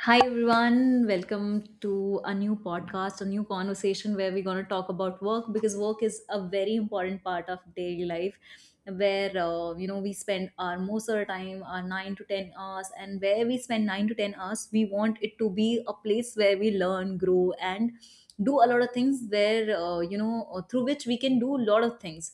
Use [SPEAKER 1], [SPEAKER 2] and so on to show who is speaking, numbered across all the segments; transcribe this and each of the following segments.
[SPEAKER 1] Hi everyone, welcome to a new podcast, a new conversation where we're going to talk about work because work is a very important part of daily life where we spend our most of the time our 9 to 10 hours, and where we spend 9 to 10 hours we want it to be a place where we learn, grow and do a lot of things where through which we can do a lot of things.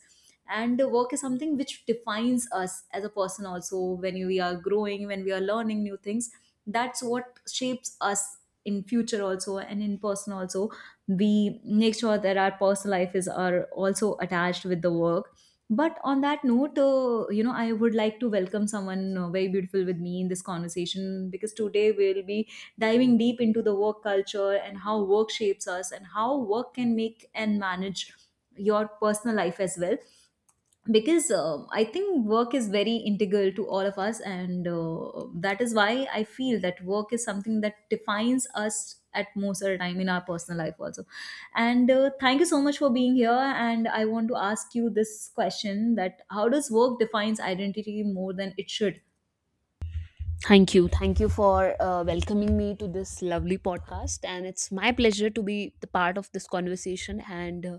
[SPEAKER 1] And the work is something which defines us as a person also, when we are growing, when we are learning new things, that's what shapes us in future also and in person also. We make sure that our personal life is are also attached with the work. But on that note, I would like to welcome someone very beautiful with me in this conversation, because today we'll be diving deep into the work culture and how work shapes us and how work can make and manage your personal life as well. Because I think work is very integral to all of us, and that is why I feel that work is something that defines us at most of the time in our personal life also. And thank you so much for being here, and I want to ask you this question, that how does work defines identity more than it should.
[SPEAKER 2] Thank you. Thank you for welcoming me to this lovely podcast. And it's my pleasure to be the part of this conversation and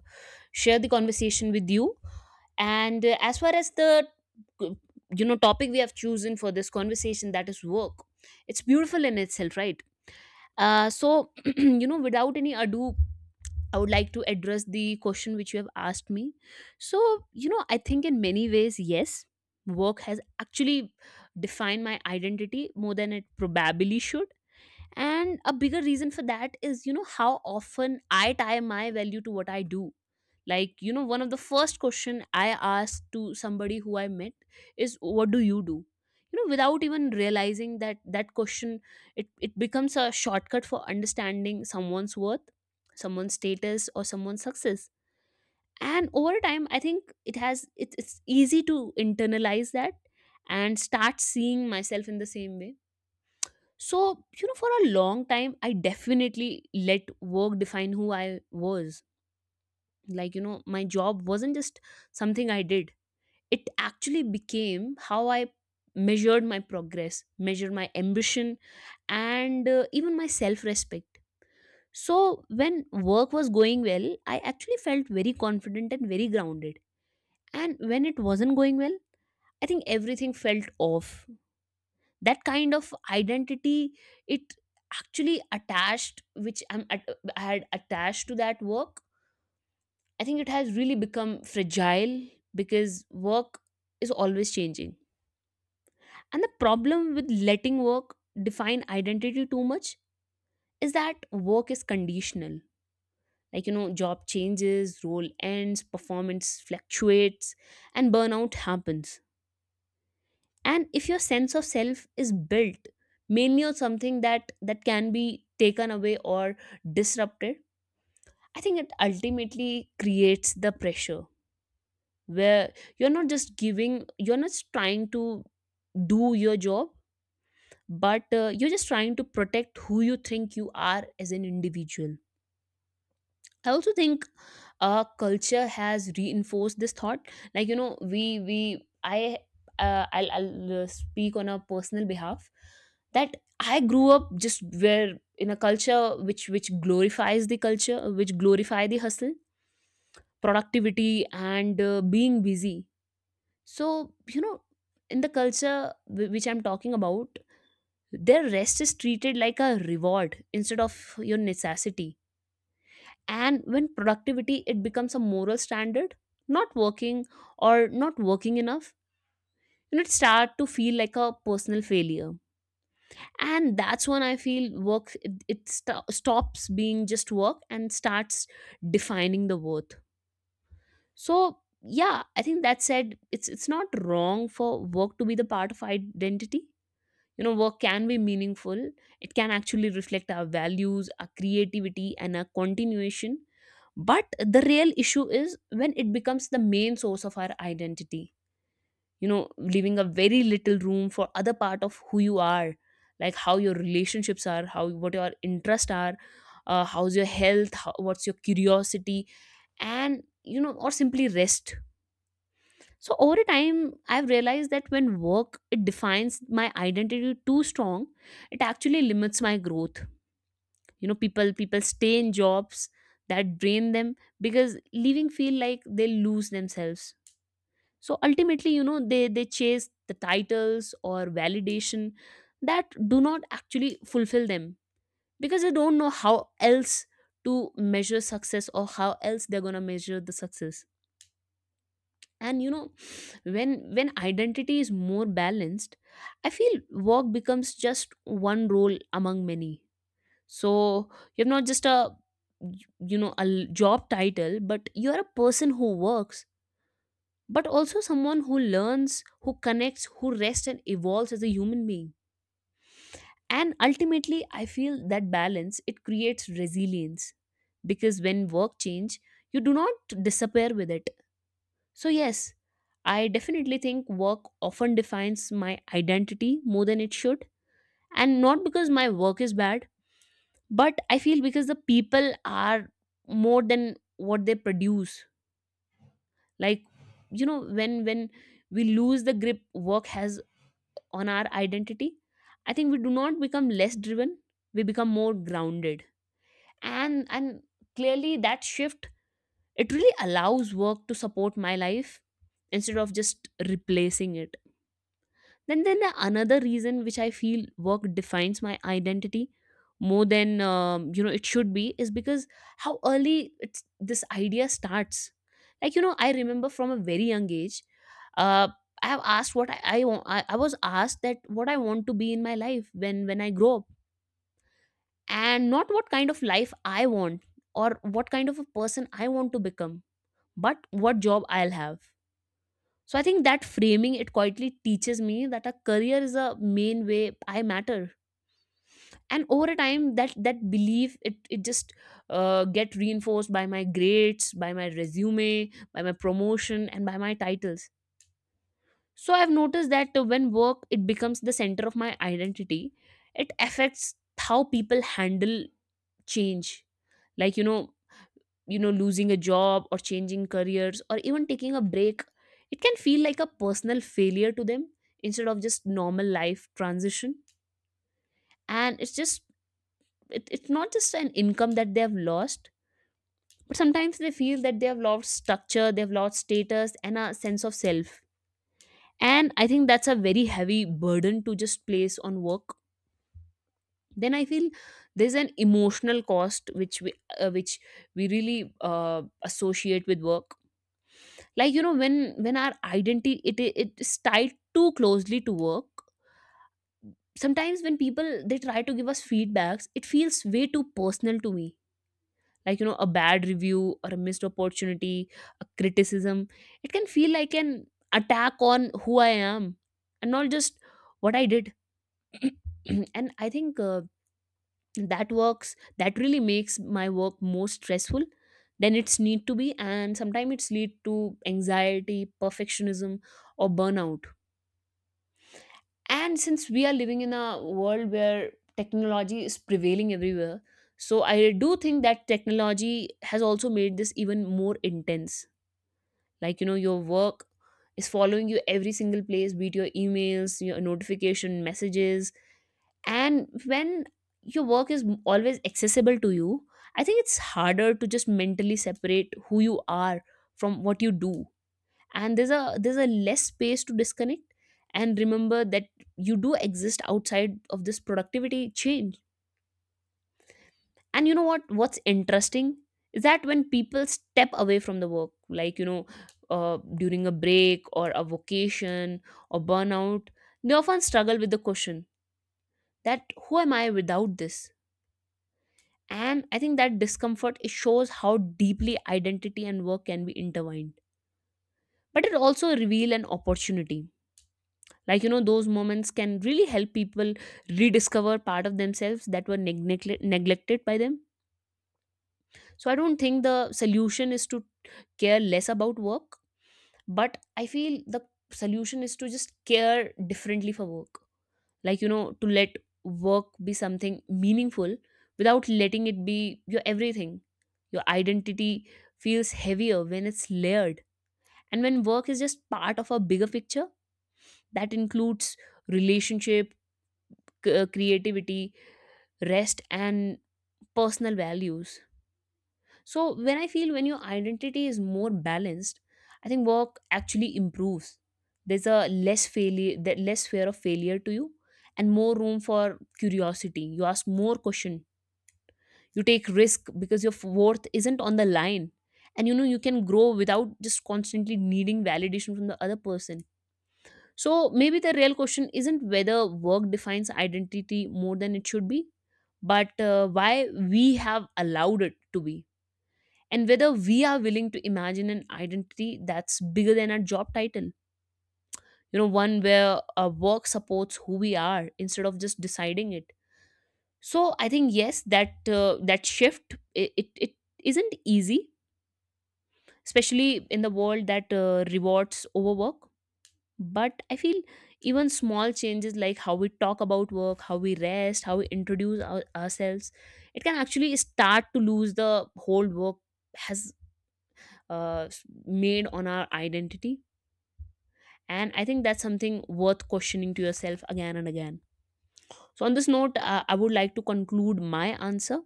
[SPEAKER 2] share the conversation with you. And as far as the uh, topic we have chosen for this conversation, that is work, it's beautiful in itself, right? So without any ado, I would like to address the question which you have asked me. So, I think in many ways, yes, work has actually defined my identity more than it probably should. And a bigger reason for that is, how often I tie my value to what I do. Like, one of the first question I asked to somebody who I met is, what do? You know, without even realizing that that question, it becomes a shortcut for understanding someone's worth, someone's status, or someone's success. And over time, I think it has, it's easy to internalize that and start seeing myself in the same way. So, for a long time, I definitely let work define who I was. Like, my job wasn't just something I did, it actually became how I measured my progress, measured my ambition, and even my self respect. So, when work was going well, I actually felt very confident and very grounded. And when it wasn't going well, I think everything felt off. That kind of identity, it actually attached which I'm at, I had attached to that work. I think it has really become fragile because work is always changing. And the problem with letting work define identity too much is that work is conditional. Like, job changes, role ends, performance fluctuates, and burnout happens. And if your sense of self is built mainly on something that can be taken away or disrupted, I think it ultimately creates the pressure where you're not just giving, you're not trying to do your job, but you're just trying to protect who you think you are as an individual. I also think our culture has reinforced this thought. Like, you know, we I I'll speak on a personal behalf that I grew up just where in a culture which glorify the hustle, productivity, and being busy. So in the culture which I'm talking about, their rest is treated like a reward instead of your necessity. And when productivity, it becomes a moral standard, not working or not working enough, and it start to feel like a personal failure. And that's when I feel work, it stops being just work and starts defining the worth. So yeah, I think that said, it's not wrong for work to be the part of identity. You know, work can be meaningful. It can actually reflect our values, our creativity, and our continuation. But the real issue is when it becomes the main source of our identity. You know, leaving a very little room for other part of who you are, like how your relationships are, how what your interests are, how's your health, how, what's your curiosity, and or simply rest. So over time, I've realized that when work, it defines my identity too strong, it actually limits my growth. You know, people stay in jobs that drain them because leaving feel like they lose themselves. So ultimately, you know, they chase the titles or validation that do not actually fulfill them because they don't know how else to measure success or how else they're gonna measure the success. And when identity is more balanced, I feel work becomes just one role among many. So you're not just a, a job title, but you're a person who works, but also someone who learns, who connects, who rests, and evolves as a human being. And ultimately, I feel that balance, it creates resilience, because when work change, you do not disappear with it. So, yes, I definitely think work often defines my identity more than it should. And not because my work is bad, but I feel because the people are more than what they produce. Like, you know, when we lose the grip work has on our identity, I think we do not become less driven, we become more grounded. And clearly that shift, it really allows work to support my life instead of just replacing it. Then the another reason which I feel work defines my identity more than it should be is because how early it's, this idea starts. Like, I remember from a very young age, uh, I was asked that what I want to be in my life when I grow up, and not what kind of life I want or what kind of a person I want to become, but what job I'll have. So I think that framing, it quietly teaches me that a career is a main way I matter. And over a time, that belief, it just get reinforced by my grades, by my resume, by my promotion, and by my titles. So I've noticed that when work, it becomes the center of my identity, it affects how people handle change. Like, you know, losing a job or changing careers or even taking a break, it can feel like a personal failure to them instead of just normal life transition. And it's just, it's not just an income that they have lost, but sometimes they feel that they have lost structure, they've lost status and a sense of self. And I think that's a very heavy burden to just place on work. Then I feel there's an emotional cost which we really associate with work. Like, you know, when our identity, it is tied too closely to work, sometimes when people they try to give us feedbacks, it feels way too personal to me. Like, a bad review or a missed opportunity, a criticism, it can feel like an attack on who I am, and not just what I did. And I think that works, that really makes my work more stressful than it's need to be, and sometimes it's lead to anxiety, perfectionism, or burnout. And since we are living in a world where technology is prevailing everywhere, so I do think that technology has also made this even more intense. Like, your work is following you every single place, be it your emails, your notification messages. And when your work is always accessible to you, I think it's harder to just mentally separate who you are from what you do. And there's a less space to disconnect and remember that you do exist outside of this productivity change. And what what's interesting is that when people step away from the work, like, during a break or a vacation or burnout, they often struggle with the question that who am I without this? And I think that discomfort, it shows how deeply identity and work can be intertwined. But it also reveal an opportunity. Like, those moments can really help people rediscover part of themselves that were neglected by them. So I don't think the solution is to care less about work, but I feel the solution is to just care differently for work. Like, to let work be something meaningful without letting it be your everything. Your identity feels heavier when it's layered, and when work is just part of a bigger picture that includes relationship, creativity, rest, and personal values. So when I feel when your identity is more balanced, I think work actually improves. There's a less failure, that less fear of failure to you, and more room for curiosity. You ask more question, you take risk because your worth isn't on the line. And you can grow without just constantly needing validation from the other person. So maybe the real question isn't whether work defines identity more than it should be, but why we have allowed it to be, and whether we are willing to imagine an identity that's bigger than our job title. You know, one where our work supports who we are instead of just deciding it. So I think yes, that that shift, it isn't easy, especially in the world that rewards overwork. But I feel even small changes, like how we talk about work, how we rest, how we introduce ourselves, it can actually start to lose the whole work has uh, made on our identity. And I think that's something worth questioning to yourself again and again. So on this note, I would like to conclude my answer.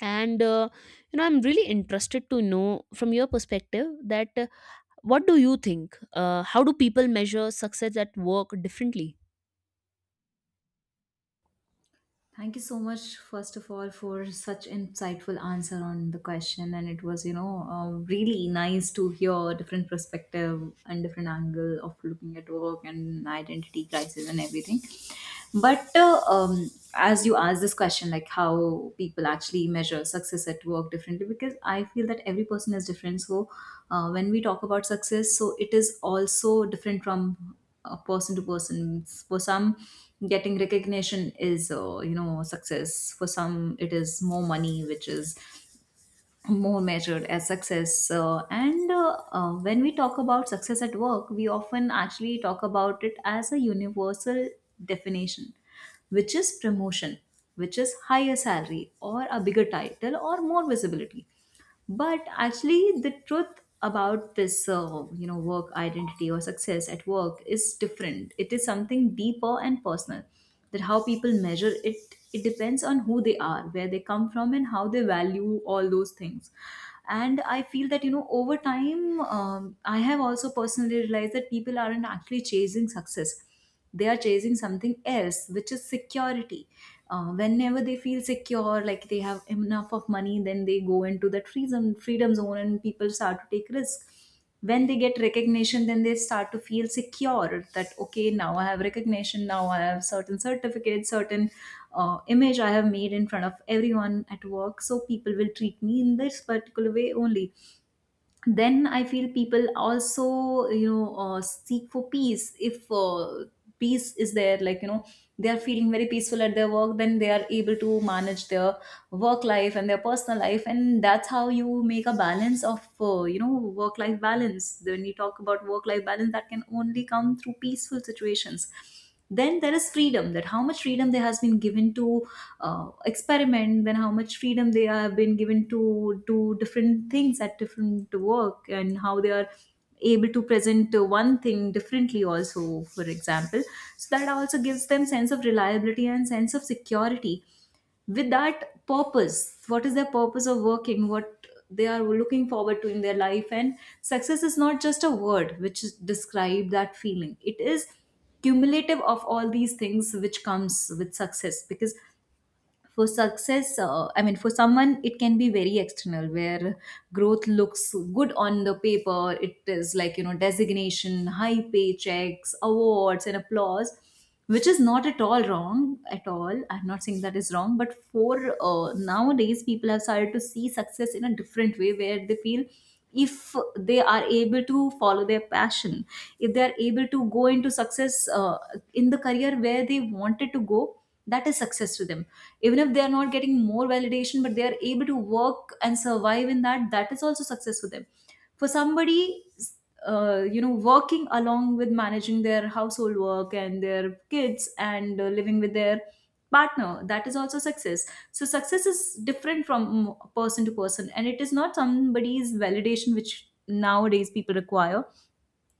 [SPEAKER 2] And I'm really interested to know from your perspective that what do you think, how do people measure success at work differently?
[SPEAKER 1] Thank you so much, first of all, for such insightful answer on the question, and it was, really nice to hear a different perspective and different angle of looking at work and identity crisis and everything. But as you asked this question, like how people actually measure success at work differently, because I feel that every person is different. So when we talk about success, so it is also different from person to person. For some, getting recognition is success. For some, it is more money, which is more measured as success. And When we talk about success at work, we often actually talk about it as a universal definition, which is promotion, which is higher salary or a bigger title or more visibility. But actually the truth about this, work identity or success at work is different. It is something deeper and personal, that how people measure it, it depends on who they are, where they come from and how they value all those things. And I feel that, you know, over time, I have also personally realized that people aren't actually chasing success, they are chasing something else, which is security. Whenever they feel secure, like they have enough of money, then they go into that freedom zone and people start to take risk. When they get recognition, then they start to feel secure, that okay, now I have recognition, now I have certain certificates, certain image I have made in front of everyone at work, so people will treat me in this particular way only. Then I feel people also, you know, seek for peace. If peace is there, like, you know, they are feeling very peaceful at their work, then they are able to manage their work life and their personal life, and that's how you make a balance of, work life balance. When you talk about work life balance, that can only come through peaceful situations. Then there is freedom, that how much freedom they has been given to experiment, then how much freedom they have been given to do different things at different work, and how they are able to present one thing differently also, for example. So that also gives them sense of reliability and sense of security. With that purpose, what is their purpose of working, what they are looking forward to in their life. And success is not just a word which is- describe that feeling, it is cumulative of all these things which comes with success. Because for success, I mean, for someone it can be very external, where growth looks good on the paper. It is, like, you know, designation, high paychecks, awards and applause, which is not at all wrong at all, I'm not saying that is wrong. But for nowadays, people have started to see success in a different way, where they feel if they are able to follow their passion, if they are able to go into success in the career where they wanted to go, that is success to them. Even if they are not getting more validation, but they are able to work and survive in that, that is also success for them. For somebody, working along with managing their household work and their kids and living with their partner, that is also success. So success is different from person to person, and it is not somebody's validation which nowadays people require.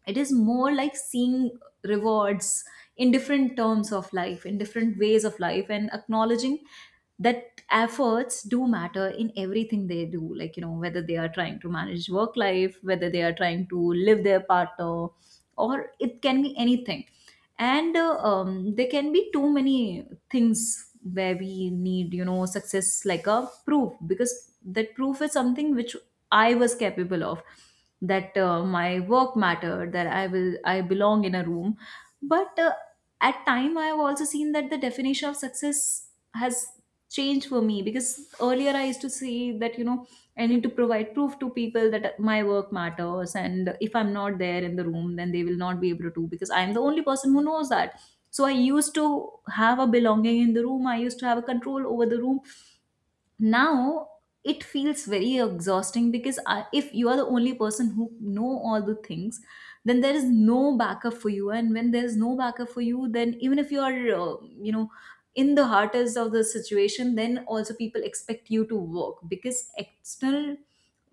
[SPEAKER 1] It is more like seeing rewards in different terms of life, in different ways of life, and acknowledging that efforts do matter in everything they do, like, you know, whether they are trying to manage work life, whether they are trying to live their partner, or it can be anything. And there can be too many things where we need, you know, success like a proof, because that proof is something which I was capable of, that my work mattered, that I belong in a room. But at time, I have also seen that the definition of success has changed for me, because earlier I used to say that, you know, I need to provide proof to people that my work matters, and if I'm not there in the room, then they will not be able to, because I'm the only person who knows that. So I used to have a belonging in the room, I used to have a control over the room. Now it feels very exhausting because if you are the only person who know all the things, then there is no backup for you. And when there is no backup for you, then even if you are, in the hardest of the situation, then also people expect you to work, because external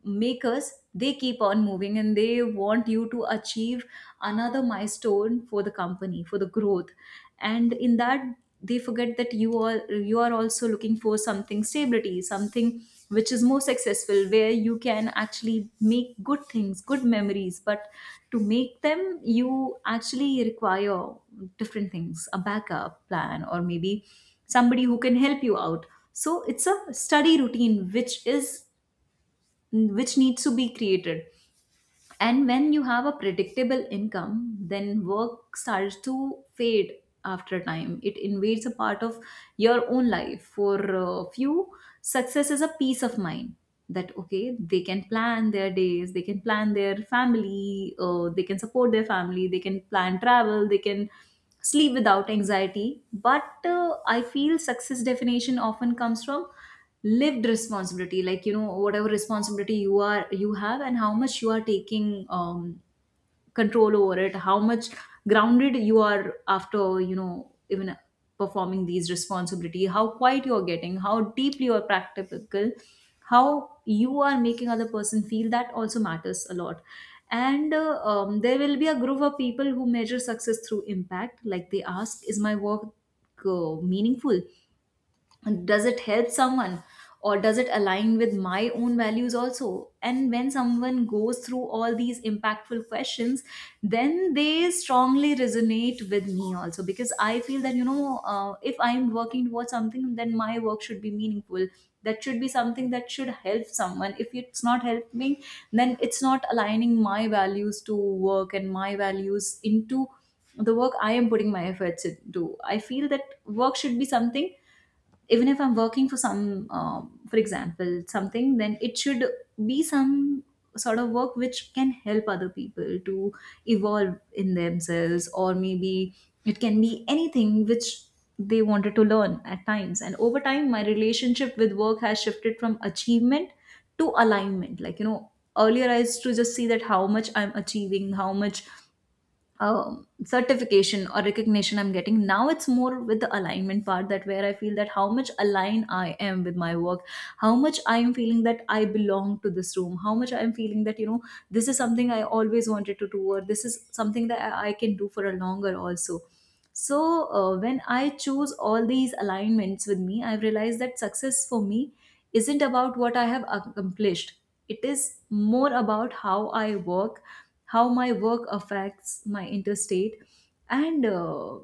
[SPEAKER 1] makers, they keep on moving and they want you to achieve another milestone for the company, for the growth. And in that, they forget that you are also looking for something stability, something which is more successful, where you can actually make good things, good memories. But to make them, you actually require different things, a backup plan, or maybe somebody who can help you out. So it's a study routine which is which needs to be created. And when you have a predictable income, then work starts to fade. After a time, it invades a part of your own life. For a few, success is a peace of mind, that okay, they can plan their days, they can plan their family, they can support their family, they can plan travel, they can sleep without anxiety. But I feel success definition often comes from lived responsibility, like, you know, whatever responsibility you are you have and how much you are taking, control over it, how much grounded you are after, you know, even performing these responsibility, how quiet you are getting, how deeply you are practical, how you are making other person feel, that also matters a lot. And there will be a group of people who measure success through impact, like they ask, is my work meaningful, does it help someone, or does it align with my own values also. And when someone goes through all these impactful questions, then they strongly resonate with me also, because I feel that, you know, if I'm working towards something, then my work should be meaningful. That should be something that should help someone. If it's not helping, then it's not aligning my values to work and my values into the work I am putting my efforts into. I feel that work should be something, even if I'm working for some, for example something, then it should be some sort of work which can help other people to evolve in themselves, or maybe it can be anything which they wanted to learn at times. And over time, my relationship with work has shifted from achievement to alignment. Like, you know, earlier I used to just see that how much I'm achieving, how much certification or recognition I'm getting. Now it's more with the alignment part, that where I feel that how much aligned I am with my work, how much I am feeling that I belong to this room, how much I am feeling that, you know, this is something I always wanted to do, or this is something that I can do for a longer also. So when I choose all these alignments with me, I've realized that success for me isn't about what I have accomplished. It is more about how I work, how my work affects my interstate, and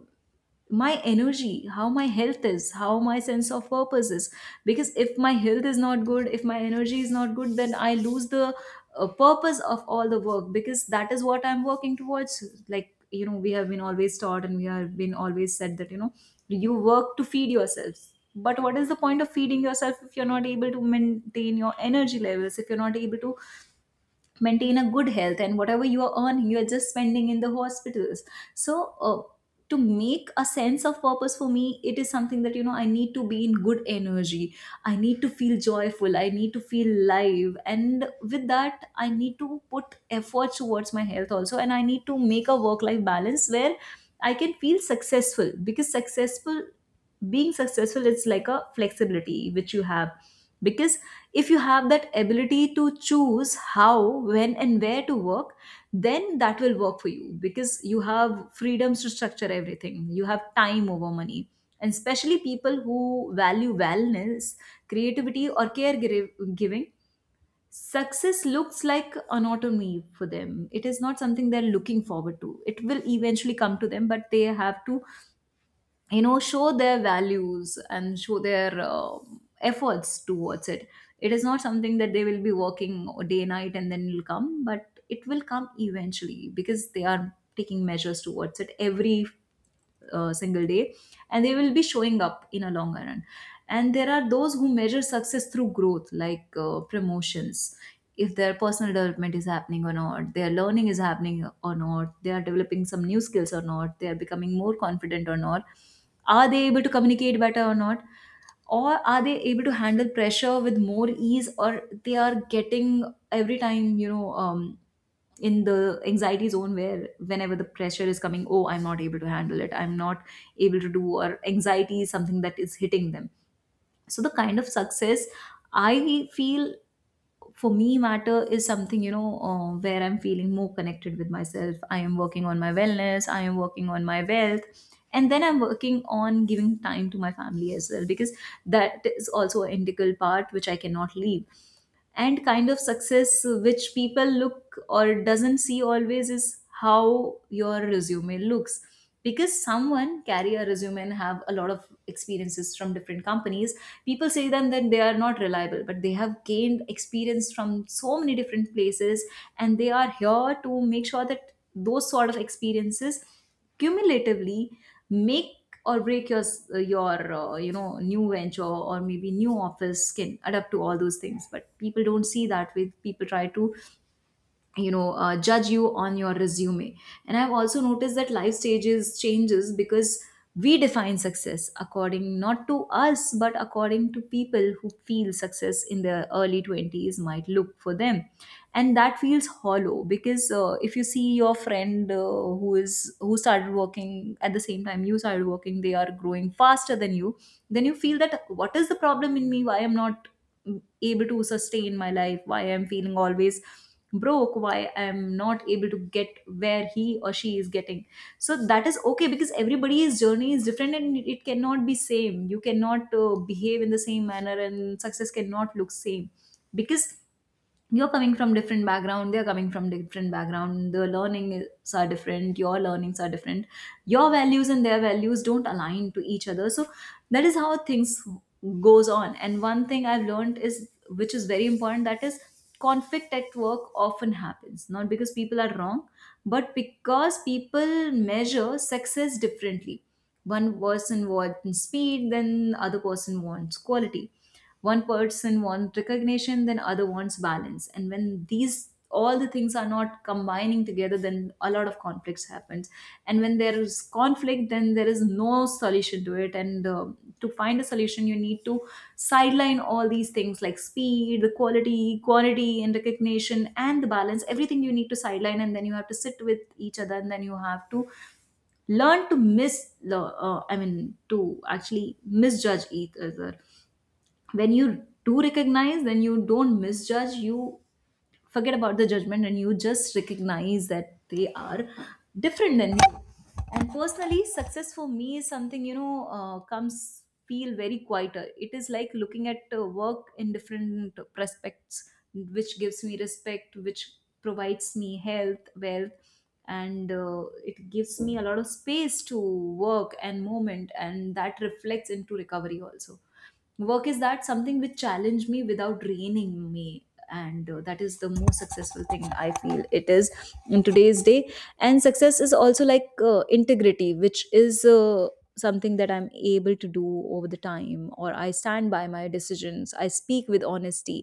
[SPEAKER 1] my energy, how my health is, how my sense of purpose is. Because if my health is not good, if my energy is not good, then I lose the purpose of all the work, because that is what I'm working towards. Like, you know, we have been always taught and we have been always said that, you know, you work to feed yourselves, but what is the point of feeding yourself if you're not able to maintain your energy levels, if you're not able to maintain a good health and whatever you are earning you are just spending in the hospitals. So to make a sense of purpose for me, it is something that, you know, I need to be in good energy, I need to feel joyful, I need to feel live, and with that I need to put effort towards my health also, and I need to make a work life balance where I can feel successful, because successful, being successful is like a flexibility which you have. Because if you have that ability to choose how, when and where to work, then that will work for you, because you have freedoms to structure everything, you have time over money. And especially people who value wellness, creativity or caregiving, success looks like an autonomy for them. It is not something they're looking forward to, it will eventually come to them, but they have to, you know, show their values and show their efforts towards it. It is not something that they will be working day night and then it'll come, but it will come eventually because they are taking measures towards it every single day, and they will be showing up in a longer run. And there are those who measure success through growth, like promotions, if their personal development is happening or not, their learning is happening or not, they are developing some new skills or not, they are becoming more confident or not, are they able to communicate better or not? Or are they able to handle pressure with more ease, or they are getting every time, you know, in the anxiety zone where whenever the pressure is coming, oh, I'm not able to handle it, I'm not able to do, or anxiety is something that is hitting them. So the kind of success I feel for me matter is something, you know, where I'm feeling more connected with myself, I am working on my wellness, I am working on my wealth, and then I'm working on giving time to my family as well, because that is also an integral part which I cannot leave. And kind of success which people look or doesn't see always is how your resume looks, because someone carry a resume and have a lot of experiences from different companies, people say them that they are not reliable, but they have gained experience from so many different places, and they are here to make sure that those sort of experiences cumulatively make or break your your you know, new venture, or maybe new office can adapt to all those things. But people don't see that way, people try to, you know, judge you on your resume. And I've also noticed that life stages changes, because we define success according not to us but according to people who feel success in their early 20s might look for them. And that feels hollow, because if you see your friend, who started working at the same time you started working, they are growing faster than you, then you feel that what is the problem in me, why I'm not able to sustain my life, why I'm feeling always broke, why I'm not able to get where he or she is getting. So that is okay, because everybody's journey is different and it cannot be same. You cannot behave in the same manner and success cannot look same, because you're coming from different background, they're coming from different background, the learnings are different, your learnings are different, your values and their values don't align to each other. So that is how things goes on. And one thing I've learned is, which is very important, that is, conflict at work often happens not because people are wrong, but because people measure success differently. One person wants speed, then other person wants quality, one person wants recognition, then other wants balance, and when these all the things are not combining together, then a lot of conflicts happens. And when there is conflict, then there is no solution to it, and to find a solution you need to sideline all these things, like speed, the quality, quantity and recognition and the balance, everything you need to sideline, and then you have to sit with each other, and then you have to learn to miss the I mean, to actually misjudge each other. When you do recognize, then you don't misjudge, you forget about the judgment and you just recognize that they are different than you. And personally, success for me is something, you know, comes feel very quieter. It is like looking at work in different prospects, which gives me respect, which provides me health, wealth, and it gives me a lot of space to work and moment, and that reflects into recovery also. Work is that something which challenge me without draining me, and that is the most successful thing I feel it is in today's day. And success is also like integrity, which is something that I'm able to do over the time, or I stand by my decisions, I speak with honesty,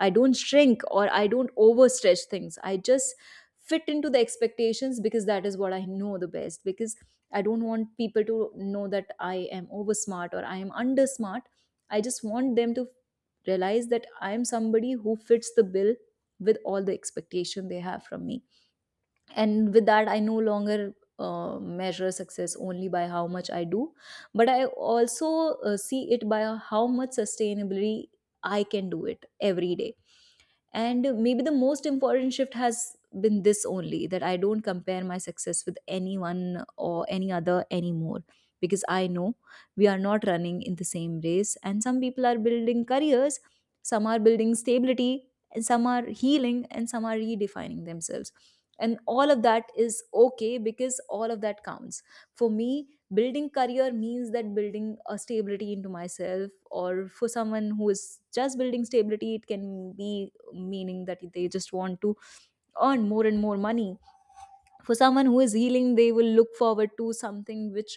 [SPEAKER 1] I don't shrink or I don't overstretch things, I just fit into the expectations, because that is what I know the best. Because I don't want people to know that I am over smart or I am under smart, I just want them to realize that I'm somebody who fits the bill with all the expectation they have from me. And with that, I no longer measure success only by how much I do, but I also see it by how much sustainability I can do it every day. And maybe the most important shift has been this only, that I don't compare my success with anyone or any other anymore, because I know we are not running in the same race. And some people are building careers, some are building stability, and some are healing, and some are redefining themselves, and all of that is okay, because all of that counts. For me, building career means that building a stability into myself, or for someone who is just building stability, it can be meaning that they just want to earn more and more money. For someone who is healing, they will look forward to something which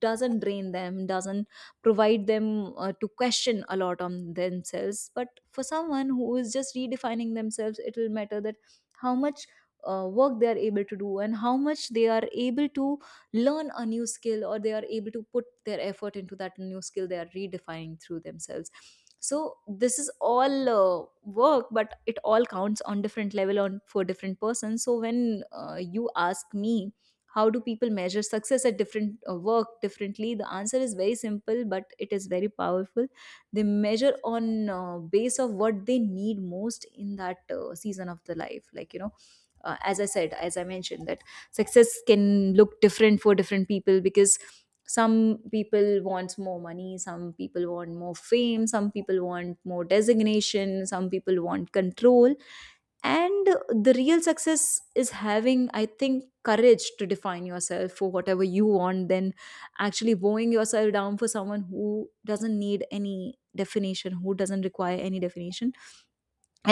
[SPEAKER 1] doesn't drain them, doesn't provide them to question a lot on themselves. But for someone who is just redefining themselves, it will matter that how much work they are able to do and how much they are able to learn a new skill, or they are able to put their effort into that new skill, they are redefining through themselves. So this is all work, but it all counts on different level on for different persons. So when you ask me how do people measure success at different work differently, the answer is very simple, but it is very powerful. They measure on base of what they need most in that season of the life. Like, you know, as I said, as I mentioned, that success can look different for different people, because some people want more money, some people want more fame, some people want more designation, some people want control. And the real success is having, I think, courage to define yourself for whatever you want, then actually bowing yourself down for someone who doesn't need any definition, who doesn't require any definition.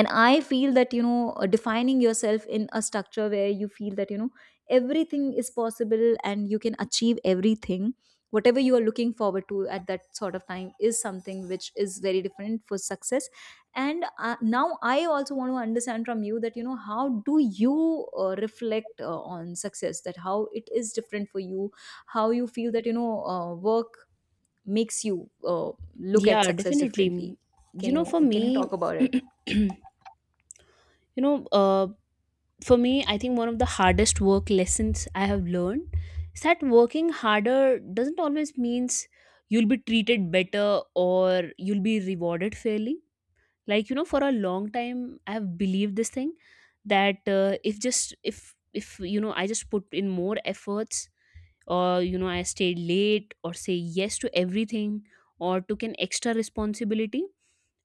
[SPEAKER 1] And I feel that, you know, defining yourself in a structure where you feel that, you know, everything is possible and you can achieve everything, whatever you are looking forward to at that sort of time, is something which is very different for success. And now I also want to understand from you that, you know, how do you reflect on success, that how it is different for you, how you feel that, you know, work makes you uh, look at
[SPEAKER 2] Yeah,
[SPEAKER 1] success
[SPEAKER 2] definitely.
[SPEAKER 1] differently.
[SPEAKER 2] Mm.
[SPEAKER 1] can
[SPEAKER 2] You know,
[SPEAKER 1] you
[SPEAKER 2] for
[SPEAKER 1] can you
[SPEAKER 2] me,
[SPEAKER 1] talk about it?
[SPEAKER 2] you know, for me, I think one of the hardest work lessons I have learned is that working harder doesn't always means you'll be treated better or you'll be rewarded fairly. Like, for a long time I have believed this thing that if I just put in more efforts, or I stay late, or say yes to everything, or took an extra responsibility,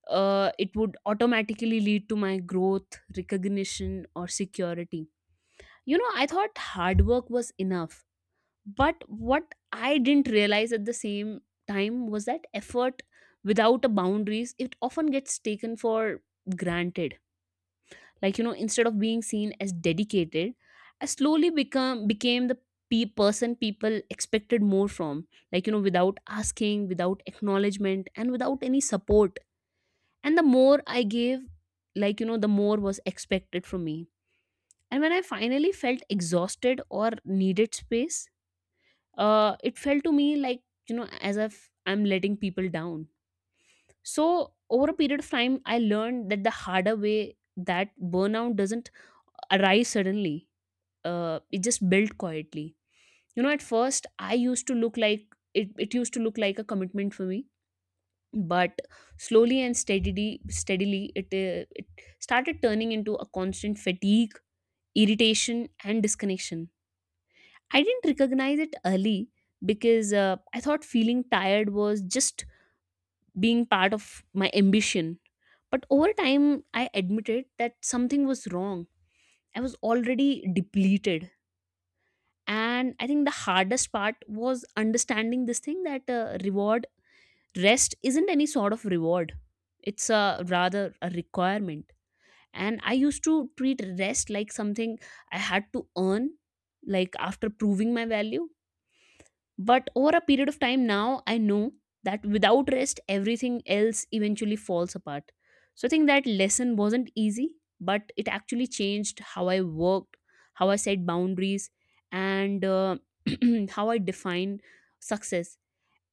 [SPEAKER 2] it would automatically lead to my growth, recognition, or security. You know, I thought hard work was enough. But what I didn't realize at the same time was that effort without a boundaries, it often gets taken for granted. Like, instead of being seen as dedicated, I slowly become became the person people expected more from, like, without asking, without acknowledgement, and without any support. And the more I gave, like, the more was expected from me. And when I finally felt exhausted or needed space, it felt to me like, as if I'm letting people down. So over a period of time, I learned that the harder way, that burnout doesn't arise suddenly, it just built quietly. You know, at first I used to look like, it used to look like a commitment for me. But slowly and steadily, it started turning into a constant fatigue, irritation, and disconnection. I didn't recognize it early because I thought feeling tired was just being part of my ambition. But over time, I admitted that something was wrong. I was already depleted. And I think the hardest part was understanding this thing that rest isn't any sort of reward, it's a, rather a requirement. And I used to treat rest like something I had to earn, like after proving my value. But over a period of time now, I know that without rest, everything else eventually falls apart. So I think that lesson wasn't easy, but it actually changed how I worked, how I set boundaries, and how I define success.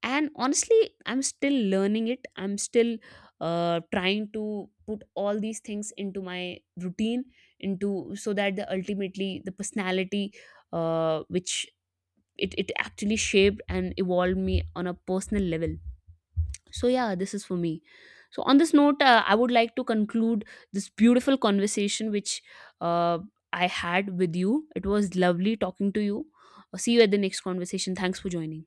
[SPEAKER 2] And honestly, I'm still learning it. I'm still trying to put all these things into my routine, into so that the ultimately the personality which, it actually shaped and evolved me on a personal level. So yeah, this is for me. So on this note, I would like to conclude this beautiful conversation which uh, I had with you. It was lovely talking to you. See you at the next conversation. Thanks for joining.